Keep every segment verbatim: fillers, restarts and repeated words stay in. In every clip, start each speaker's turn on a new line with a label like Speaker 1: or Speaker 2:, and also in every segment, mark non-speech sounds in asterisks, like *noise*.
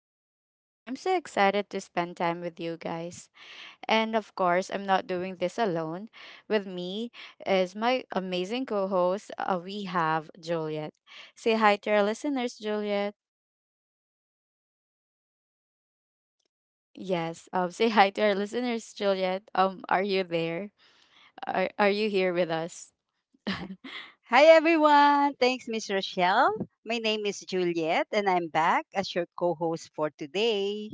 Speaker 1: Rochelle, and I'm so excited to spend time with you guys. And of course, I'm not doing this alone. With me is my amazing co host, uh, we have Juliet. Say hi to our listeners, Juliet. Yes, um, *laughs* say hi to our listeners, Juliet. Um, are you there? Are, are you here with us?
Speaker 2: Uh, Hi everyone. Thanks, Miss Rochelle. My name is Juliet and I'm back as your co-host for today.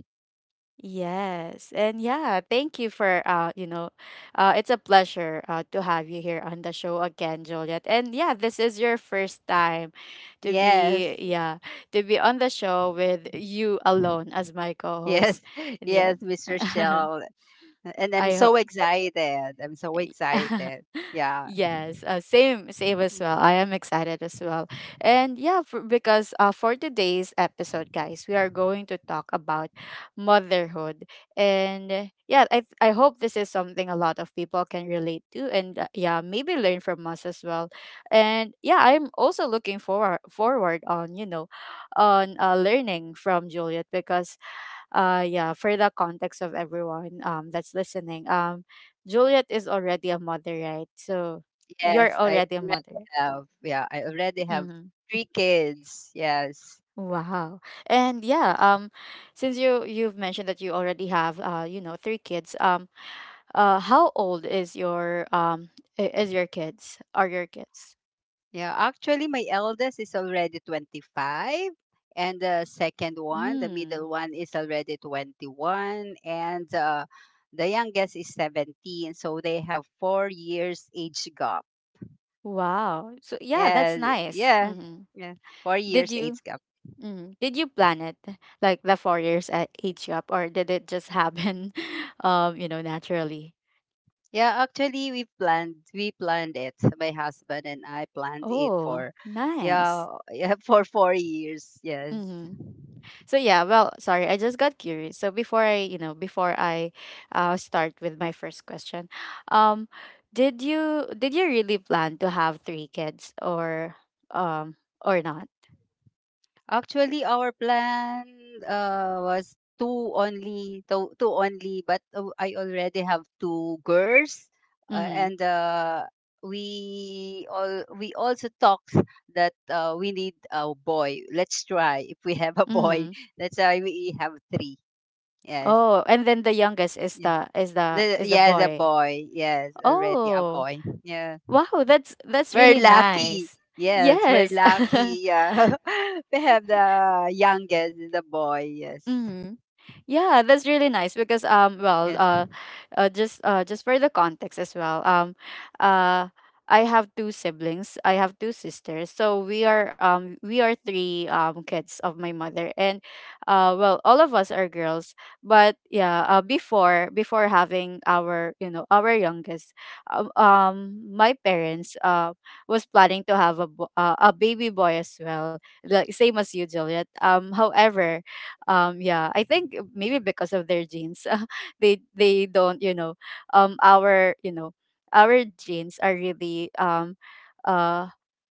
Speaker 1: Yes. And yeah, thank you for uh, you know, uh it's a pleasure uh to have you here on the show again, Juliet. And yeah, this is your first time to
Speaker 2: Yes.
Speaker 1: be, yeah, to be on the show with you alone as my
Speaker 2: Yes.
Speaker 1: co-host.
Speaker 2: *laughs*
Speaker 1: And yeah.
Speaker 2: Yes, Miss
Speaker 1: *laughs*
Speaker 2: Rochelle. And I'm
Speaker 1: I hope
Speaker 2: so excited. I'm so
Speaker 1: *laughs*
Speaker 2: excited. Yeah.
Speaker 1: yes uh, same same as well,
Speaker 2: Mhm.
Speaker 1: I am excited as well, and yeah for, because uh, for today's episode guys we are going to talk about motherhood and uh, yeah i th- i hope this is something a lot of people can relate to, and uh, yeah maybe learn from us as well. And yeah I'm also looking forward forward on, you know, on uh, learning from Juliet, because uh yeah for the context of everyone um that's listening, um Juliet is already a mother, right? So you're
Speaker 2: Yes, I
Speaker 1: already a
Speaker 2: already
Speaker 1: mother.
Speaker 2: have. Yeah, I already have
Speaker 1: Mm-hmm.
Speaker 2: three kids. Yes.
Speaker 1: Wow. And yeah, um since you you've mentioned that you already have uh you know three kids, um uh how old is your, um i- is your kids, are your kids?
Speaker 2: Yeah, actually, my eldest is already twenty-five, and the second one, the middle
Speaker 1: Mm.
Speaker 2: one, is already twenty-one, and uh, the youngest is seventeen. So they have four years age gap.
Speaker 1: Wow, so yeah that's
Speaker 2: And
Speaker 1: nice.
Speaker 2: yeah,
Speaker 1: Mm-hmm.
Speaker 2: yeah, four
Speaker 1: Did
Speaker 2: years
Speaker 1: you,
Speaker 2: age gap.
Speaker 1: Mm. Did you plan it? Like the four years at ate you up, or did it just happen, *laughs* um, you know, naturally?
Speaker 2: Yeah, actually, we planned we planned it. My husband and I planned it
Speaker 1: Oh,
Speaker 2: for, yeah,
Speaker 1: nice.
Speaker 2: *laughs* yeah, for four years. Yes.
Speaker 1: Mm-hmm. So yeah, well, sorry, I just got curious. So before I, you know, before I, uh, start with my first question, um, did you did you really plan to have three kids, or, um, or not?
Speaker 2: Actually, our plan uh, was two only, two, two only, but uh, I already have two girls, uh,
Speaker 1: Mm-hmm.
Speaker 2: and uh, we all we also talked that uh, we need a boy. Let's try if we have a
Speaker 1: Mm-hmm.
Speaker 2: boy. *laughs* That's why we have three. Yes,
Speaker 1: Oh, and then the youngest is
Speaker 2: yes,
Speaker 1: the, is the,
Speaker 2: The-
Speaker 1: is the
Speaker 2: yes, a
Speaker 1: boy.
Speaker 2: boy. Yes, already a
Speaker 1: Oh.
Speaker 2: boy. Yeah.
Speaker 1: Wow, that's that's
Speaker 2: We're
Speaker 1: really
Speaker 2: lucky.
Speaker 1: nice.
Speaker 2: Yes, we're
Speaker 1: Yes. *laughs*
Speaker 2: lucky. Yeah. *laughs* we have the youngest, the boy. Yes.
Speaker 1: Mhm. Yeah, that's really nice, because um well
Speaker 2: Yes.
Speaker 1: uh, uh just uh just for the context as well, um uh I have two siblings, I have two sisters, so we are, um we are three um kids of my mother, and uh well all of us are girls, but yeah, uh, before before having our, you know, our youngest, um, um my parents uh was planning to have a bo- uh, a baby boy as well, like same as you, Juliet. Um however, um yeah I think maybe because of their genes, *laughs* they they don't, you know, um our, you know, our genes are really, um uh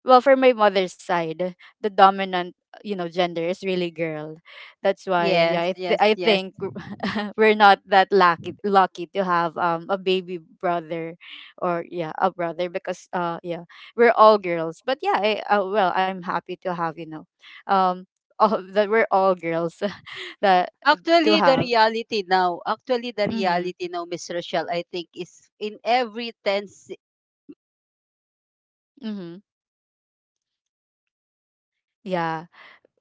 Speaker 1: well for my mother's side, the dominant, you know, gender is really girl. That's why, yeah,
Speaker 2: Yes,
Speaker 1: i, th-
Speaker 2: yes,
Speaker 1: I
Speaker 2: yes.
Speaker 1: think *laughs* we're not that lucky lucky to have um a baby brother or, yeah, a brother, because uh yeah we're all girls. But yeah I, uh, well I'm happy to have, you know, um all, that we're all girls. *laughs* That to
Speaker 2: Actually, the
Speaker 1: have.
Speaker 2: reality now, actually, the
Speaker 1: Mhm.
Speaker 2: reality now, Miss Rochelle, I think is in every ten, si- ten,
Speaker 1: Mhm. Yeah.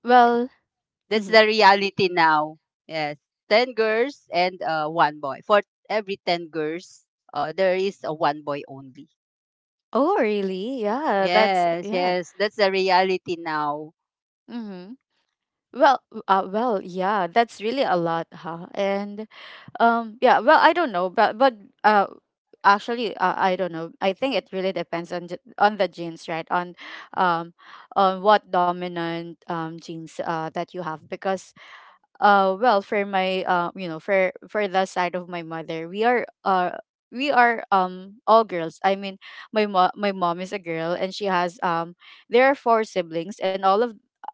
Speaker 1: Well,
Speaker 2: that's the
Speaker 1: Mhm.
Speaker 2: reality now. Yes. ten girls and uh, one boy. For every ten girls, uh, there is a one boy only.
Speaker 1: Oh really? Yeah, that's
Speaker 2: Yes,
Speaker 1: yeah.
Speaker 2: yes. That's the reality now.
Speaker 1: Mhm. Well, w- uh, well, yeah, that's really a lot, huh? And um, yeah, well, I don't know, but but uh, actually, uh, I don't know. I think it really depends on ge- on the genes, right? On, um, on what dominant um genes uh that you have, because uh well for my, uh you know for for the side of my mother, we are uh we are um all girls, I mean my mom my mom is a girl, and she has, um there are four siblings, and all of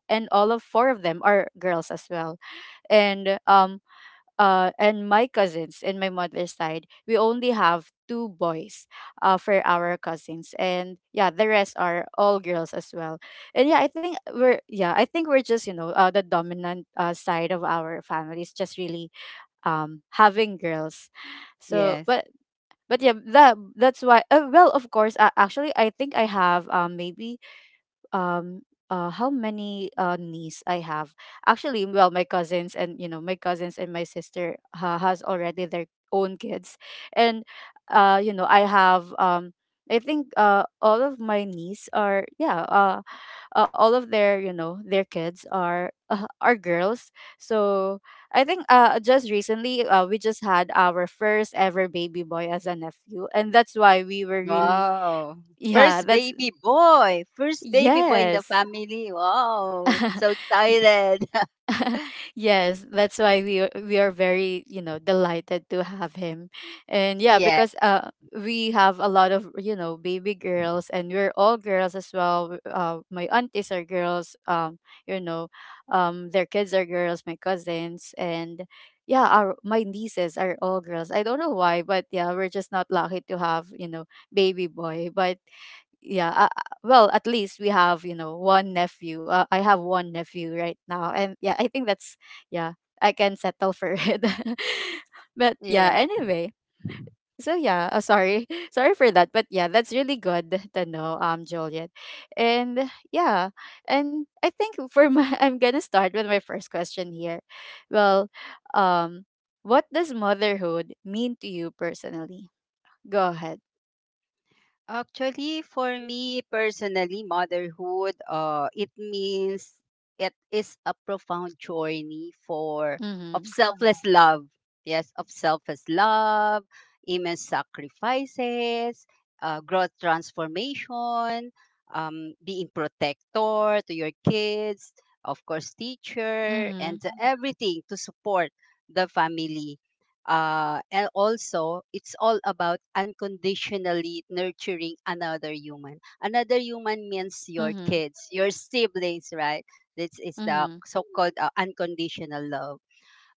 Speaker 1: and all of four of them are girls as well. And um uh, and my cousins and my mother's side, we only have two boys uh, for our cousins, and yeah, the rest are all girls as well. And yeah, I think we're yeah, I think we're just, you know, uh, the dominant, uh, side of our family is just really um having girls. So,
Speaker 2: Yes.
Speaker 1: but but yeah, that that's why. Uh, well, of course, uh, actually, I think I have, um maybe um uh how many uh niece I have. Actually, well, my cousins and, you know, my cousins and my sister ha- has already their own kids, and uh you know I have, um I think uh all of my niece are, yeah uh, uh all of their, you know, their kids are, uh, are girls. So I think uh just recently, uh, we just had our first ever baby boy as a nephew, and that's why we were really
Speaker 2: Wow.
Speaker 1: *laughs* yeah
Speaker 2: First
Speaker 1: that's
Speaker 2: baby boy. First baby boy in the
Speaker 1: yes.
Speaker 2: family. Wow. So
Speaker 1: *laughs*
Speaker 2: excited. *laughs*
Speaker 1: *laughs* Yes, that's why we are, we are very, you know, delighted to have him, and yeah,
Speaker 2: yeah.
Speaker 1: because uh we have a lot of, you know, baby girls, and we're all girls as well. Uh, my aunties are girls. Um, you know, um, their kids are girls. My cousins and. Yeah, our my nieces are all girls. I don't know why, but yeah, we're just not lucky to have, you know, baby boy. But yeah uh, uh, well at least we have, you know, one nephew, uh, I have one nephew right now, and yeah I think that's yeah I can settle for it. *laughs* But yeah,
Speaker 2: Yes.
Speaker 1: anyway, so yeah uh, sorry *laughs* sorry for that. But yeah, that's really good to know, um Juliet. And yeah, and I think for my *laughs* I'm gonna start with my first question here. Well, um what does motherhood mean to you personally? Go ahead.
Speaker 2: Actually, for me personally, motherhood, uh, it means it is a profound journey for of
Speaker 1: Mm-hmm.
Speaker 2: selfless love. Yes, of selfless love, immense sacrifices, uh, growth transformation, um, being protector to your kids, of course, teacher, and
Speaker 1: Mm-hmm.
Speaker 2: everything to support the family, uh, and also, it's all about unconditionally nurturing another human. Another human means your
Speaker 1: Mm-hmm.
Speaker 2: kids, your siblings, right? This is the
Speaker 1: Mm-hmm.
Speaker 2: so called uh, unconditional love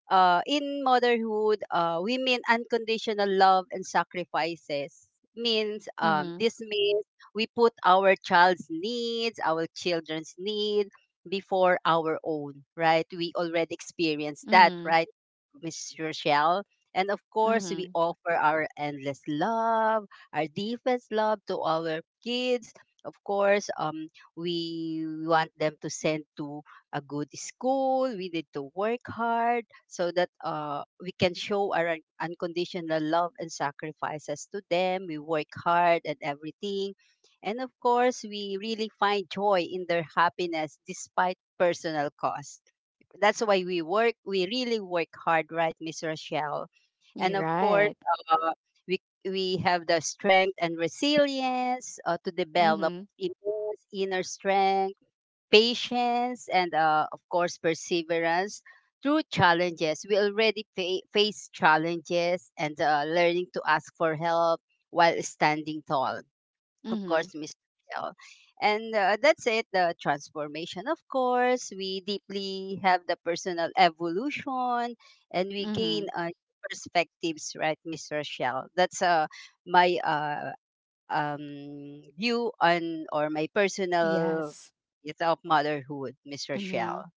Speaker 2: uh, in motherhood, uh, women unconditional love and sacrifices means um,
Speaker 1: Mhm.
Speaker 2: this means we put our child's needs, our children's need before our own, right? We already experienced that,
Speaker 1: Mhm.
Speaker 2: right, Miss Rochelle? And of course, we
Speaker 1: Mhm.
Speaker 2: offer our endless love, our deepest love to our kids. Of course, um, we want them to send to a good school. We need to work hard so that uh, we can show our un- unconditional love and sacrifices to them. We work hard and everything. And of course, we really find joy in their happiness despite personal cost. That's why we work, we really work hard, right, Miss Rochelle?
Speaker 1: You're
Speaker 2: And of course,
Speaker 1: right.
Speaker 2: uh, we, we have the strength and resilience uh, to develop
Speaker 1: Mhm.
Speaker 2: immense inner strength, patience, and uh, of course perseverance through challenges. We already fa- face challenges, and uh, learning to ask for help while standing tall, of
Speaker 1: Mhm.
Speaker 2: course, Miss. And uh, that's it, the transformation. Of course, we deeply have the personal evolution, and we gain
Speaker 1: Mhm.
Speaker 2: uh, perspectives, right, Miss Rochelle? That's uh, my uh, um, view on or my personal
Speaker 1: Yes.
Speaker 2: view of motherhood, Miss
Speaker 1: Mhm.
Speaker 2: Rochelle.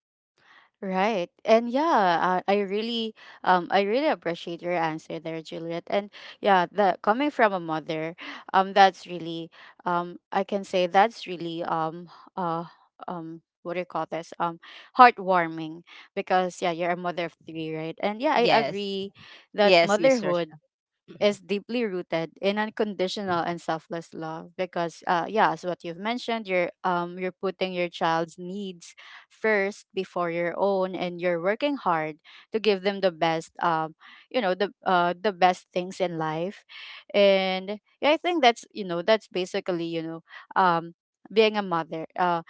Speaker 1: Right. And yeah, uh, I really, um I really appreciate your answer there, Juliet. And yeah, that coming from a mother, um that's really, um I can say that's really, um uh um what do you call this? Um, heartwarming, because yeah, you're a mother of three, right? And yeah, I
Speaker 2: Yes.
Speaker 1: agree that
Speaker 2: Yes, Miss
Speaker 1: motherhood
Speaker 2: Rochelle. *clears throat*
Speaker 1: is deeply rooted in unconditional and selfless love, because uh yeah as what you've mentioned, you're, um you're putting your child's needs first before your own, and you're working hard to give them the best, um you know the uh the best things in life. And yeah, I think that's, you know, that's basically, you know, um being a mother. uh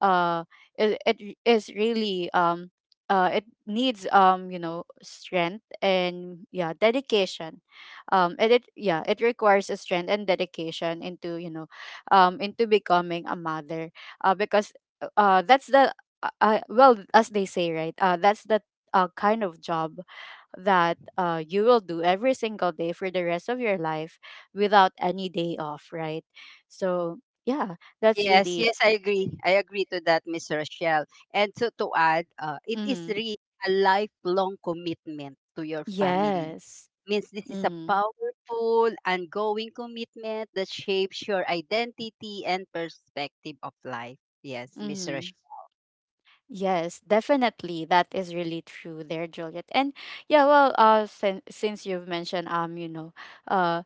Speaker 1: uh it, it is really, um uh it needs, um you know strength and, yeah, dedication, um and it yeah it requires a strength and dedication into, you know, um into becoming a mother, uh because uh uh, that's the uh, uh, well as they say, right, uh that's the, uh, kind of job that, uh, you will do every single day for the rest of your life without any day off, right? So yeah, that's
Speaker 2: Yes,
Speaker 1: really
Speaker 2: yes, I agree. I agree to that, Miss Rochelle. And so to add, uh, it is
Speaker 1: mhm.
Speaker 2: really lifelong commitment to your family.
Speaker 1: Yes.
Speaker 2: Means this is a
Speaker 1: Mm-hmm.
Speaker 2: powerful, ongoing commitment that shapes your identity and perspective of life. Yes, Miss
Speaker 1: Mm-hmm.
Speaker 2: Rochelle.
Speaker 1: Yes, definitely. That is really true there, Juliet. And yeah, well, uh, since since you've mentioned, um, you know, uh,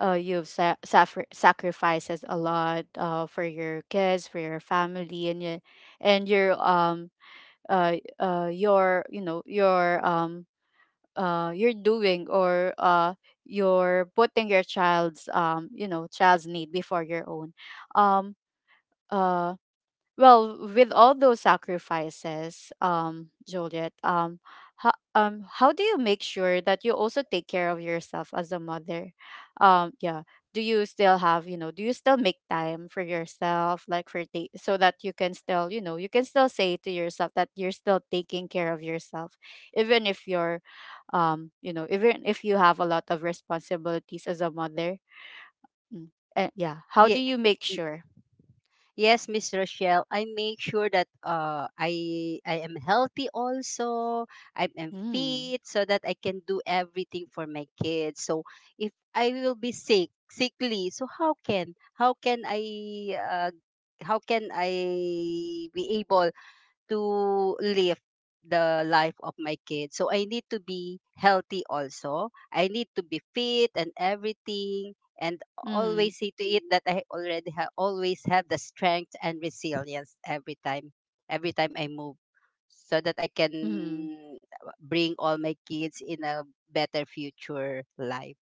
Speaker 1: uh, you've sa- suffer- sacrifices a lot, uh, for your kids, for your family, and your, and your, um, uh, uh, your, you know, your, um, uh, you're doing or uh, you're putting your child's, um, you know, child's need before your own. Um, uh Well, with all those sacrifices, um, Juliet, um, how, um, how do you make sure that you also take care of yourself as a mother? Um, yeah. Do you still have, you know, do you still make time for yourself, like for ta- so that you can still, you know, you can still say to yourself that you're still taking care of yourself, even if you're, um, you know, even if you have a lot of responsibilities as a mother. Mm. And yeah, how do
Speaker 2: Yeah.
Speaker 1: you make sure?
Speaker 2: Yes, Miss Rochelle, I make sure that uh, I I am healthy also. I am
Speaker 1: Mm.
Speaker 2: fit so that I can do everything for my kids. So if I will be sick, sickly, so how can how can I uh, how can I be able to live the life of my kids. So I need to be healthy also. I need to be fit and everything, and
Speaker 1: Mm-hmm.
Speaker 2: always see to it that I already ha- always have the strength and resilience every time every time I move so that I can
Speaker 1: Mm-hmm.
Speaker 2: bring all my kids in a better future life.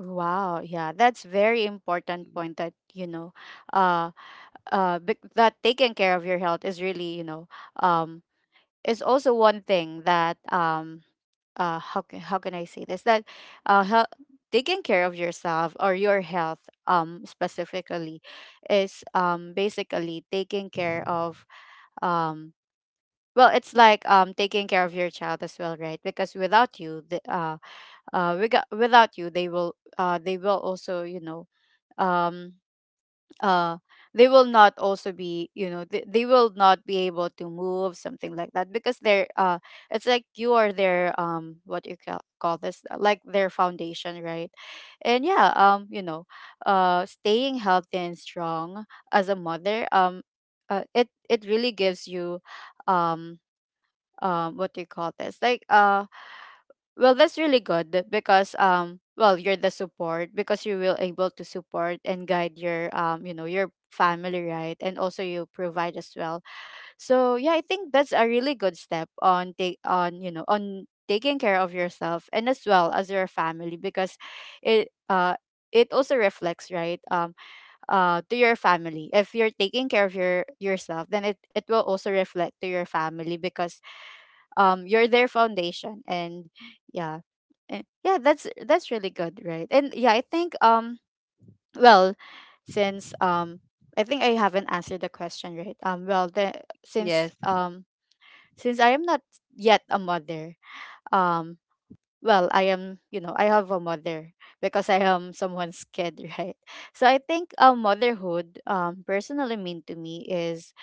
Speaker 1: Wow, yeah, that's very important
Speaker 2: Mm.
Speaker 1: point that, you know, uh uh bec- that taking care of your health is really, you know, um is also one thing that, um uh how can how can I say this, that uh hel- taking care of yourself or your health, um specifically, is um basically taking care of, um well, it's like, um taking care of your child as well, right? Because without you, the uh uh without without you, they will uh they will also, you know, um uh they will not also be, you know, they, they will not be able to move, something like that, because they're uh it's like you are their um what you ca- call this uh, like their foundation, right? And yeah um you know uh staying healthy and strong as a mother, um uh, it it really gives you. Um um what do you call this like uh Well, that's really good because, um well, you're the support, because you will able to support and guide your um you know your family, right? And also you provide as well. So yeah, I think that's a really good step on take on, you know, on taking care of yourself and as well as your family, because it uh it also reflects, right? Um uh to your family, if you're taking care of your yourself, then it, it will also reflect to your family because um you're their foundation. And yeah. And yeah, that's that's really good, right? And yeah, I think, um well since, um I think I haven't answered the question, right? um well the
Speaker 2: Yes.
Speaker 1: since um Since I am not yet a mother, um well, I am, you know, I have a mother, because I am someone's kid *laughs* right? So I think, um motherhood, um personally mean to me, is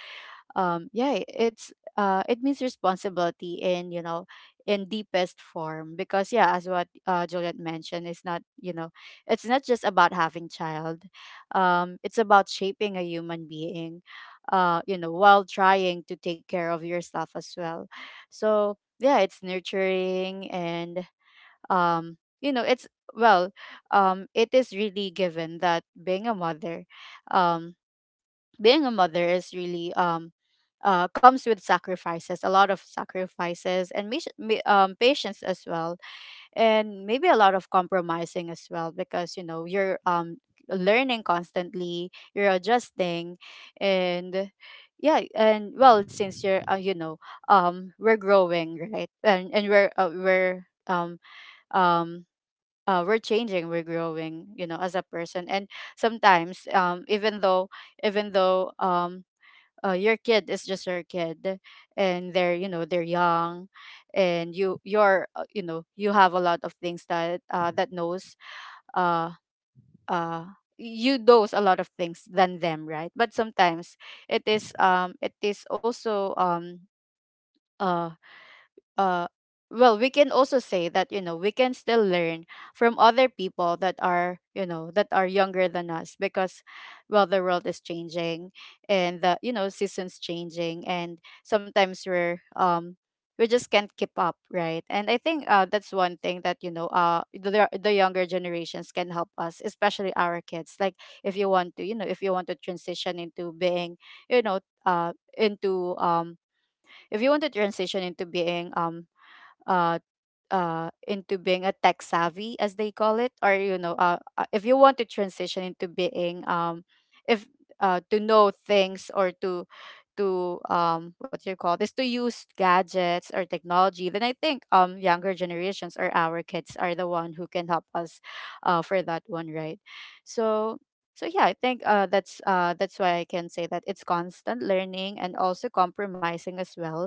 Speaker 1: um yeah, it's uh it means responsibility in, you know, in deepest form. Because yeah, as what uh Juliet mentioned, it's not, you know, it's not just about having child, um it's about shaping a human being, uh you know, while trying to take care of yourself as well. So yeah, it's nurturing and, um you know, it's well um it is really given that being a mother, um being a mother is really um uh, comes with sacrifices, a lot of sacrifices, and mis- mi- um, patience as well, and maybe a lot of compromising as well, because you know you're, um, learning constantly, you're adjusting, and yeah, and well, since you're uh, you know, um, we're growing, right, and and we're uh, we're um um uh, we're changing, we're growing, you know, as a person, and sometimes, um even though even though um uh, your kid is just your kid, and they're, you know, they're young, and you you're uh, you know you have a lot of things that uh, that knows, uh uh you knows a lot of things than them, right? But sometimes it is um it is also, um uh uh well we can also say that, you know, we can still learn from other people that are, you know, that are younger than us, because well the world is changing, and the, you know, seasons changing, and sometimes we're, um we just can't keep up, right? And I think, uh, that's one thing that, you know, uh the, the younger generations can help us, especially our kids. Like, if you want to, you know, if you want to transition into being you know uh into um if you want to transition into being, um uh uh into being a tech savvy as they call it, or, you know, uh uh, if you want to transition into being um if uh to know things or to to, um what do you call this to use gadgets or technology, then I think, um younger generations or our kids are the one who can help us, uh for that one, right? So so yeah, I think uh that's uh that's why I can say that it's constant learning and also compromising as well.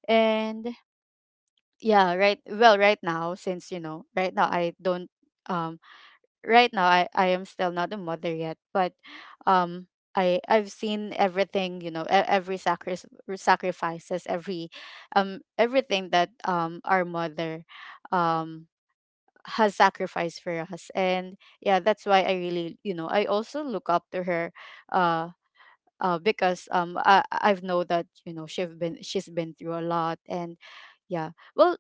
Speaker 1: And yeah, right. Well, right now, since, you know, right now I don't, um right now i i am still not a mother yet. But, um i i've seen everything, you know, e- every sacri- sacrifices, every, um everything that, um our mother, um has sacrificed for us. And yeah, that's why I really, you know, I also look up to her, uh uh, because, um I I've know that, you know, she've been she's been through a lot. And yeah, well,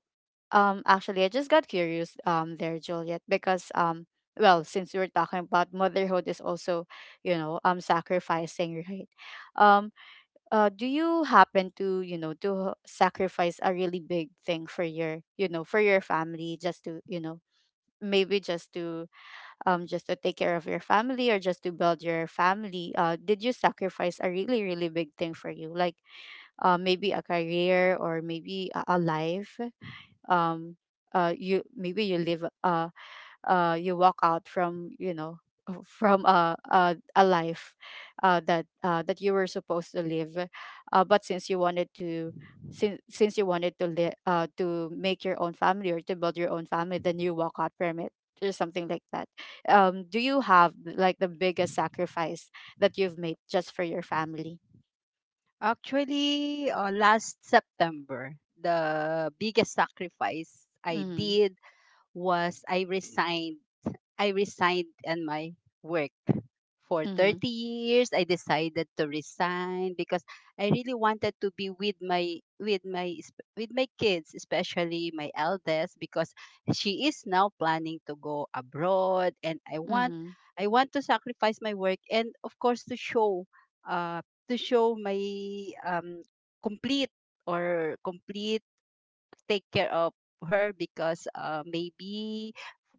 Speaker 1: um, actually, I just got curious, um there, Juliet, because, um well, since we were talking about motherhood is also, you know, um sacrificing, right? Um, uh, do you happen to, you know, to sacrifice a really big thing for your, you know, for your family, just to, you know, maybe just to, um just to take care of your family or just to build your family? Uh did you sacrifice a really really big thing for you? Like, uh maybe a career, or maybe a, a life, um uh you, maybe you live, uh uh you walk out from, you know, *laughs* from a a, a life uh that uh that you were supposed to live, uh but since you wanted to, since since you wanted to live, uh to make your own family or to build your own family, then you walk out from it, or something like that. Um do you have, like, the biggest sacrifice that you've made just for your family?
Speaker 2: Actually, uh, last September, the biggest sacrifice I
Speaker 1: Mm-hmm.
Speaker 2: did was I resigned. I resigned in my work for
Speaker 1: Mm-hmm.
Speaker 2: thirty years. I decided to resign because I really wanted to be with my with my sp- with my kids, especially my eldest, because she is now planning to go abroad, and I want
Speaker 1: Mm-hmm.
Speaker 2: I want to sacrifice my work, and of course to show uh to show my um complete or complete take care of her because uh, maybe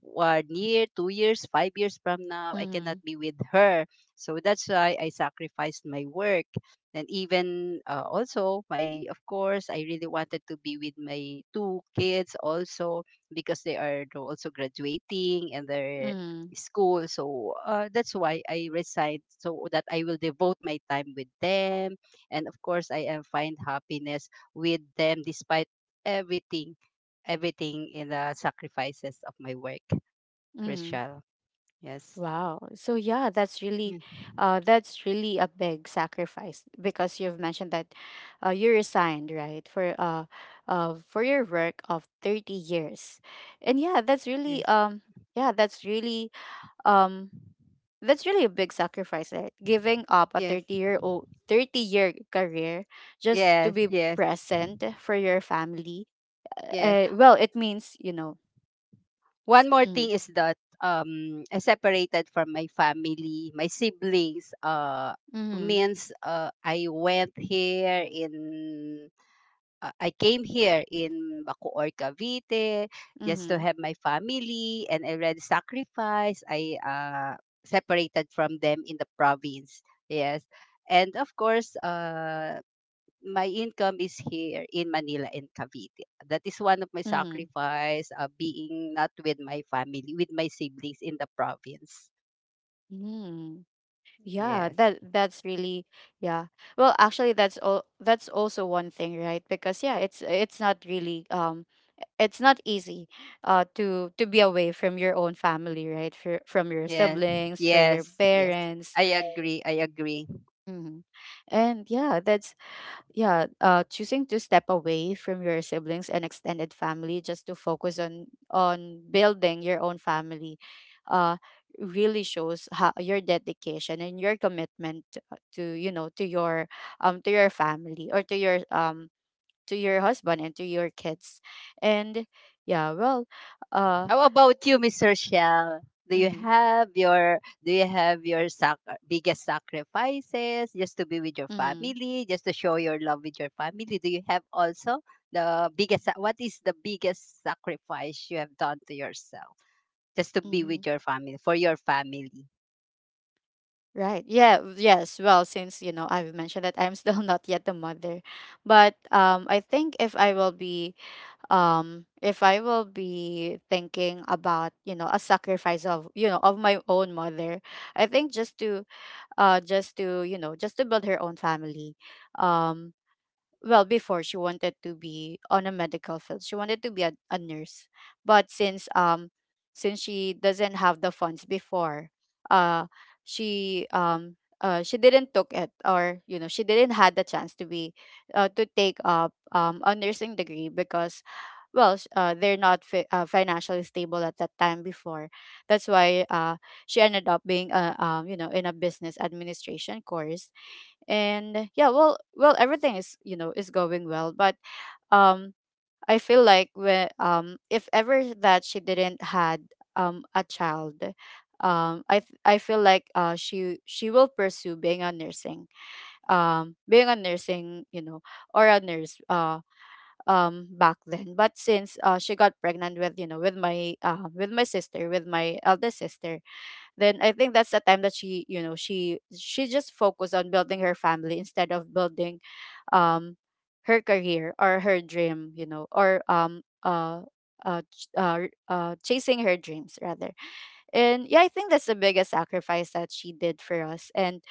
Speaker 2: one year, two years, five years from now, I cannot
Speaker 1: Mm-hmm.
Speaker 2: be with her. So that's why I sacrificed my work. And even uh, also, my of course, I really wanted to be with my two kids also, because they are also graduating and they're
Speaker 1: Mm-hmm.
Speaker 2: school. So uh, that's why I resigned so that I will devote my time with them. And of course, I am find happiness with them despite everything, everything, in the sacrifices of my work,
Speaker 1: Mm-hmm.
Speaker 2: Rochelle. Yes.
Speaker 1: Wow. So yeah, that's really
Speaker 2: Yeah.
Speaker 1: uh that's really a big sacrifice, because you've mentioned that, uh, you resigned, right? For uh uh for your work of thirty years. And yeah, that's really,
Speaker 2: Yes,
Speaker 1: um yeah, that's really um that's really a big sacrifice, right? Giving up a
Speaker 2: yes,
Speaker 1: thirty year old thirty year career, just to
Speaker 2: yes,
Speaker 1: be
Speaker 2: yes,
Speaker 1: present for your family.
Speaker 2: yes.
Speaker 1: Uh, well, it means, you know.
Speaker 2: One more
Speaker 1: Mm.
Speaker 2: thing is that um I separated from my family, my siblings. Uh,
Speaker 1: Mm-hmm.
Speaker 2: means uh I went here in uh, I came here in Bacoor, Cavite, just to
Speaker 1: Mm-hmm.
Speaker 2: have my family, and I already sacrificed. I uh, separated from them in the province. Yes, and of course, uh, my income is here in Manila and Cavite. That is one of my
Speaker 1: Mm-hmm.
Speaker 2: sacrifice, uh, being not with my family, with my siblings in the province.
Speaker 1: Mm-hmm. Yeah,
Speaker 2: Yes,
Speaker 1: that that's really, yeah. Well, actually, that's all that's also one thing, right? Because yeah, it's it's not really, um it's not easy, uh to to be away from your own family, right? For, from your
Speaker 2: yes,
Speaker 1: siblings, for your
Speaker 2: yes, yes.
Speaker 1: parents.
Speaker 2: I agree. I agree.
Speaker 1: Hmm. And yeah, that's, yeah, uh, choosing to step away from your siblings and extended family, just to focus on on building your own family, uh, really shows how your dedication and your commitment to, to, you know, to your, um to your family, or to your, um to your husband and to your kids, and yeah, well, uh,
Speaker 2: How about you, Miss Rochelle? Do you
Speaker 1: mm-hmm.
Speaker 2: have your do you have your sac- biggest sacrifices just to be with your
Speaker 1: Mm-hmm.
Speaker 2: family, just to show your love with your family? Do you have also the biggest sa- what is the biggest sacrifice you have done to yourself just to be
Speaker 1: Mm-hmm.
Speaker 2: with your family, for your family?
Speaker 1: Right. Yeah. Yes. Well, since you know I've mentioned that I'm still *laughs* not yet a mother, but, um, I think if I will be, um if I will be thinking about, you know, a sacrifice of, you know, of my own mother. I think just to, uh just to, you know, just to build her own family. um well, before, she wanted to be on a medical field, she wanted to be a, a nurse, but since um since she doesn't have the funds before, uh she um uh, she didn't took it, or you know she didn't had the chance to be, uh, to take up, um, a nursing degree, because, well s- uh, they're not fi- uh, financially stable at that time before. That's why, uh, she ended up being a, um, you know, in a business administration course. And yeah, well well everything is, you know, is going well. But, um I feel like, when um if ever that she didn't had, um a child, um i th- I feel like, uh she she will pursue being a nursing, um being a nursing you know, or a nurse, uh um back then. But since, uh she got pregnant with, you know, with my, uh with my sister with my eldest sister. Then I think that's the time that she, you know, she she just focused on building her family instead of building, um her career or her dream, you know, or um uh uh, ch- uh, r- uh chasing her dreams rather. And yeah, I think that's the biggest sacrifice that she did for us. And,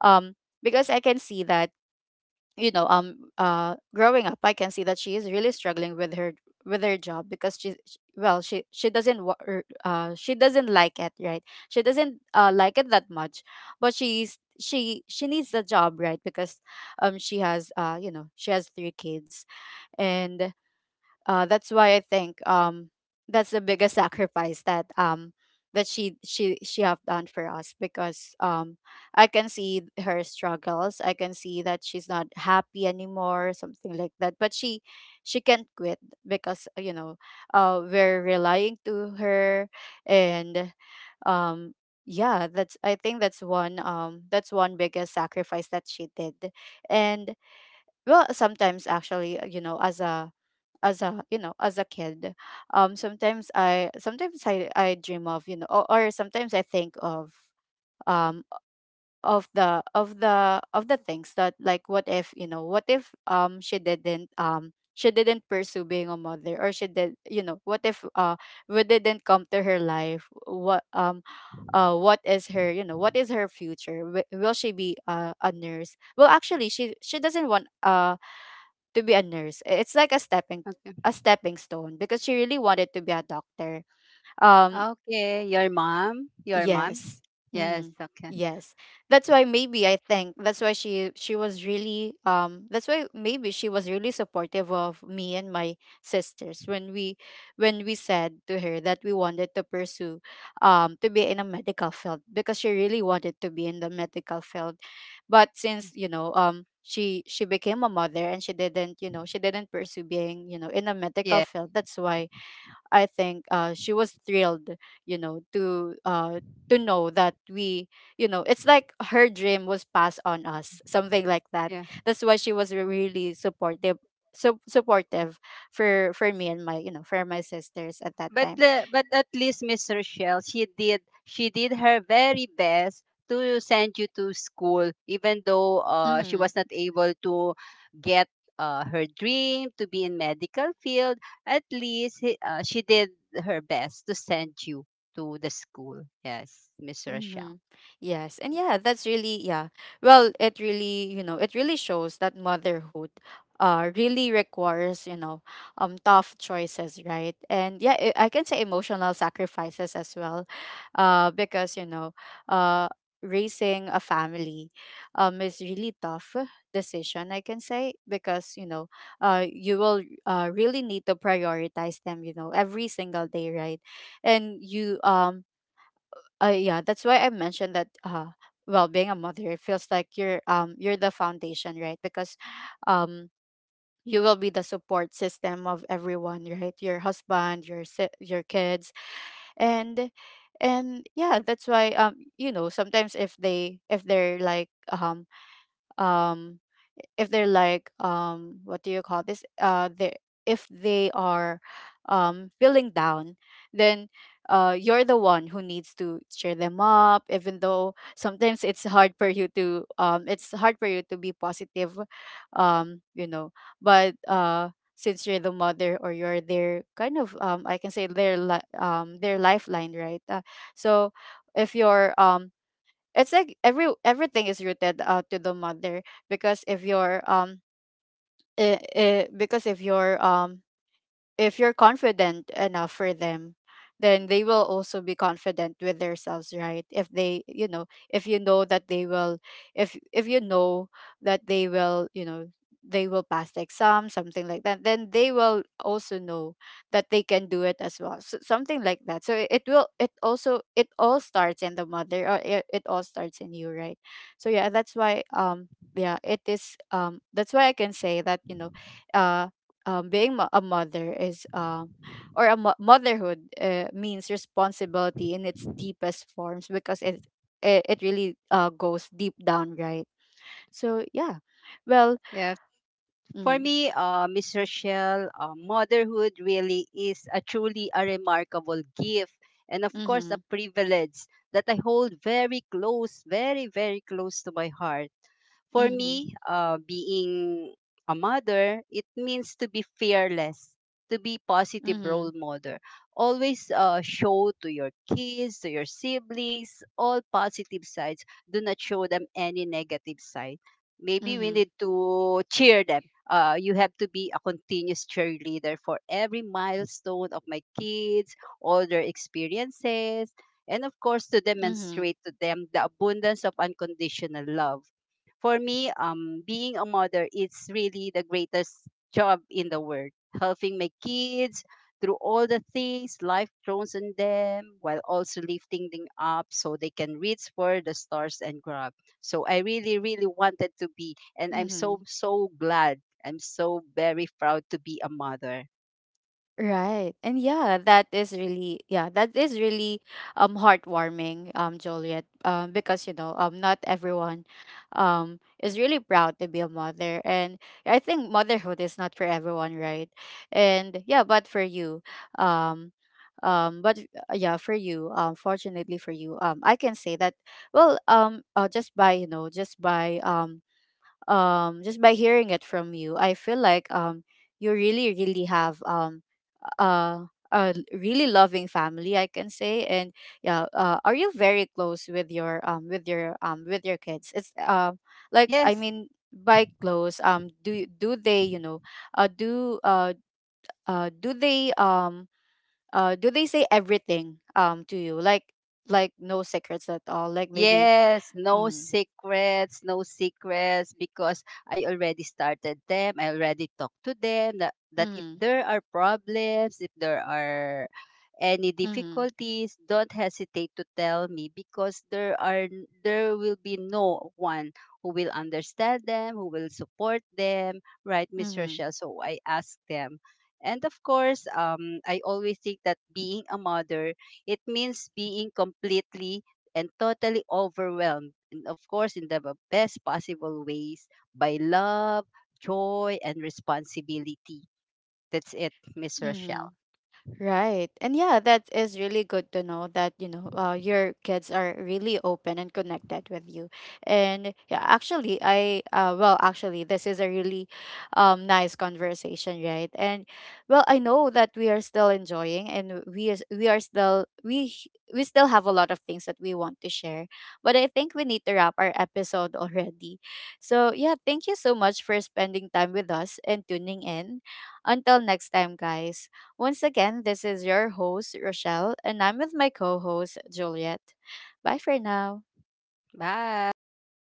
Speaker 1: um because I can see that, you know, um uh growing up, I can see that she is really struggling with her, with her job. Because she sh- well she she doesn't wa- er, uh she doesn't like it, right? She doesn't, uh like it that much. But she's she she needs the job, right? Because, um she has, uh you know, she has three kids. And, uh, that's why I think, um, that's the biggest sacrifice that, um, that she she she have done for us. Because, um, I can see her struggles. I can see that she's not happy anymore, something like that. But she she can't quit, because, uh, you know, uh, we're relying to her. And, um yeah, that's, I think that's one um that's one biggest sacrifice that she did. And, well, sometimes actually, uh, you know, as a, as a you know, as a kid, um sometimes i sometimes i i dream of, you know, or, or sometimes I think of, um of the, of the of the things that, like, what if, you know, what if, um she didn't um she didn't pursue being a mother? Or she did, you know, what if, uh we didn't come to her life? What, um uh what is her, you know, what is her future? Wi- will she be, uh, a nurse? Well, actually she she doesn't want, uh to be a nurse. It's like a stepping, a stepping stone, because she really wanted to be a doctor. Um
Speaker 2: Okay, your mom, your mom.
Speaker 1: Yes.
Speaker 2: Yes,
Speaker 1: Hmm.
Speaker 2: okay.
Speaker 1: Yes. That's why maybe I think, that's why she she was really um that's why maybe she was really supportive of me and my sisters, when we, when we said to her that we wanted to pursue, um to be in a medical field, because she really wanted to be in the medical field. But since, you know, um she she became a mother and she didn't, you know, she didn't pursue being, you know, in a medical field. That's why I think uh, she was thrilled, you know, to uh, to know that we, you know, it's like her dream was passed on us, something like that.
Speaker 2: Yeah.
Speaker 1: That's why she was really supportive, so supportive for for me and my, you know, for my sisters at that
Speaker 2: But
Speaker 1: time.
Speaker 2: le- but at least, Miss Rochelle, she did she did her very best to send you to school, even though uh, she was
Speaker 1: Mhm.
Speaker 2: not able to get uh, her dream to be in medical field. At least he- uh, she did her best to send you to the school. Yes, Miss Rochelle.
Speaker 1: Mm-hmm. Yes. And yeah, that's really, yeah. Well, it really, you know, it really shows that motherhood uh really requires, you know, um tough choices, right? And yeah, I I can say emotional sacrifices as well. Uh because, you know, uh raising a family um is really tough decision I can say because, you know, uh you will uh really need to prioritize them, you know, every single day, right? And you um uh, yeah, that's why I mentioned that. Uh, well, being a mother, it feels like you're um you're the foundation, right? Because, um, you will be the support system of everyone, right? Your husband, your si- your kids, and and yeah, that's why um you know sometimes if they if they're like um um if they're like um what do you call this uh they if they are um feeling down then uh you're the one who needs to cheer them up even though sometimes it's hard for you to um it's hard for you to be positive um you know but uh since you're the mother or you're their kind of um I can say their li- um their lifeline, right, uh, so if you're um it's like every everything is rooted out to the mother because if you're um eh, eh, because if you're um if you're confident enough for them, then they will also be confident with themselves, right? If they, you know, if you know that they will, if if you know that they will, you know, they will pass the exam, something like that, then they will also know that they can do it as well. So, something like that. So it, it will, it also, it all starts in the mother, or it, it all starts in you, right? So yeah, that's why um yeah, it is, um that's why I can say that, you know, uh um, being mo- a mother is, um, or a mo- motherhood, uh, means responsibility in its deepest forms because it it, it really, uh, goes deep down, right? So yeah. Well.
Speaker 2: Yeah. For
Speaker 1: Mm-hmm.
Speaker 2: me, uh, Miss Rochelle, uh, motherhood really is a truly a remarkable gift and of course
Speaker 1: Mm-hmm.
Speaker 2: a privilege that I hold very close, very, very close to my heart. For
Speaker 1: Mm-hmm.
Speaker 2: me, uh, being a mother, it means to be fearless, to be positive
Speaker 1: Mm-hmm.
Speaker 2: role model. Always uh, show to your kids, to your siblings, all positive sides. Do not show them any negative side. Maybe we
Speaker 1: Mm-hmm.
Speaker 2: need to cheer them. Uh, you have to be a continuous cheerleader for every milestone of my kids, all their experiences, and of course to
Speaker 1: Mm-hmm.
Speaker 2: demonstrate to them the abundance of unconditional love. For me, um, being a mother is really the greatest job in the world, helping my kids through all the things life throws on them while also lifting them up so they can reach for the stars and grab. So I really, really wanted to be, and I'm
Speaker 1: Mm-hmm.
Speaker 2: so, so glad, I'm so very proud to be a mother.
Speaker 1: Right. And yeah, that is really, yeah, that is really um heartwarming, um, Joliet. Um, because you know, um not everyone um is really proud to be a mother. And I think motherhood is not for everyone, right? And yeah, but for you, um um but uh, yeah for you um fortunately for you um I can say that, well um uh, just by, you know, just by um um just by hearing it from you I feel like um you really really have um a a really loving family I can say. And yeah, uh, are you very close with your um with your um with your kids? It's um like, I
Speaker 2: Yes.
Speaker 1: mean by close, um do you- do they, you know, uh do uh uh do they um uh do they say everything um to you, like like no secrets at all, like maybe.
Speaker 2: Yes, no
Speaker 1: Mm-hmm.
Speaker 2: secrets, no secrets, because I already started them. I already talked to them that, that if
Speaker 1: Mm-hmm.
Speaker 2: there are problems, if there are any difficulties, don't hesitate to tell me because there are n- there will be no one who will understand them, who will support them, right, Miss
Speaker 1: Mm-hmm.
Speaker 2: Rochelle? So I ask them. And of course, um, I always think that being a mother, it means being completely and totally overwhelmed, and of course, in the b- best possible ways by love, joy, and responsibility. That's it, Miss
Speaker 1: Mm-hmm.
Speaker 2: Rochelle.
Speaker 1: Right. And yeah, that is really good to know that, you know, uh, your kids are really open and connected with you. And yeah, actually, I, uh, well, actually, this is a really um, nice conversation, right? And well, I know that we are still enjoying and we, is- we are still, we, h- we still have a lot of things that we want to share, but I think we need to wrap our episode *laughs* already. So yeah, thank you so much for spending time with us and tuning in. Until next time, guys. Once again, this is your host, Rochelle, and I'm with my co host, Juliet. Bye for now.
Speaker 2: Bye.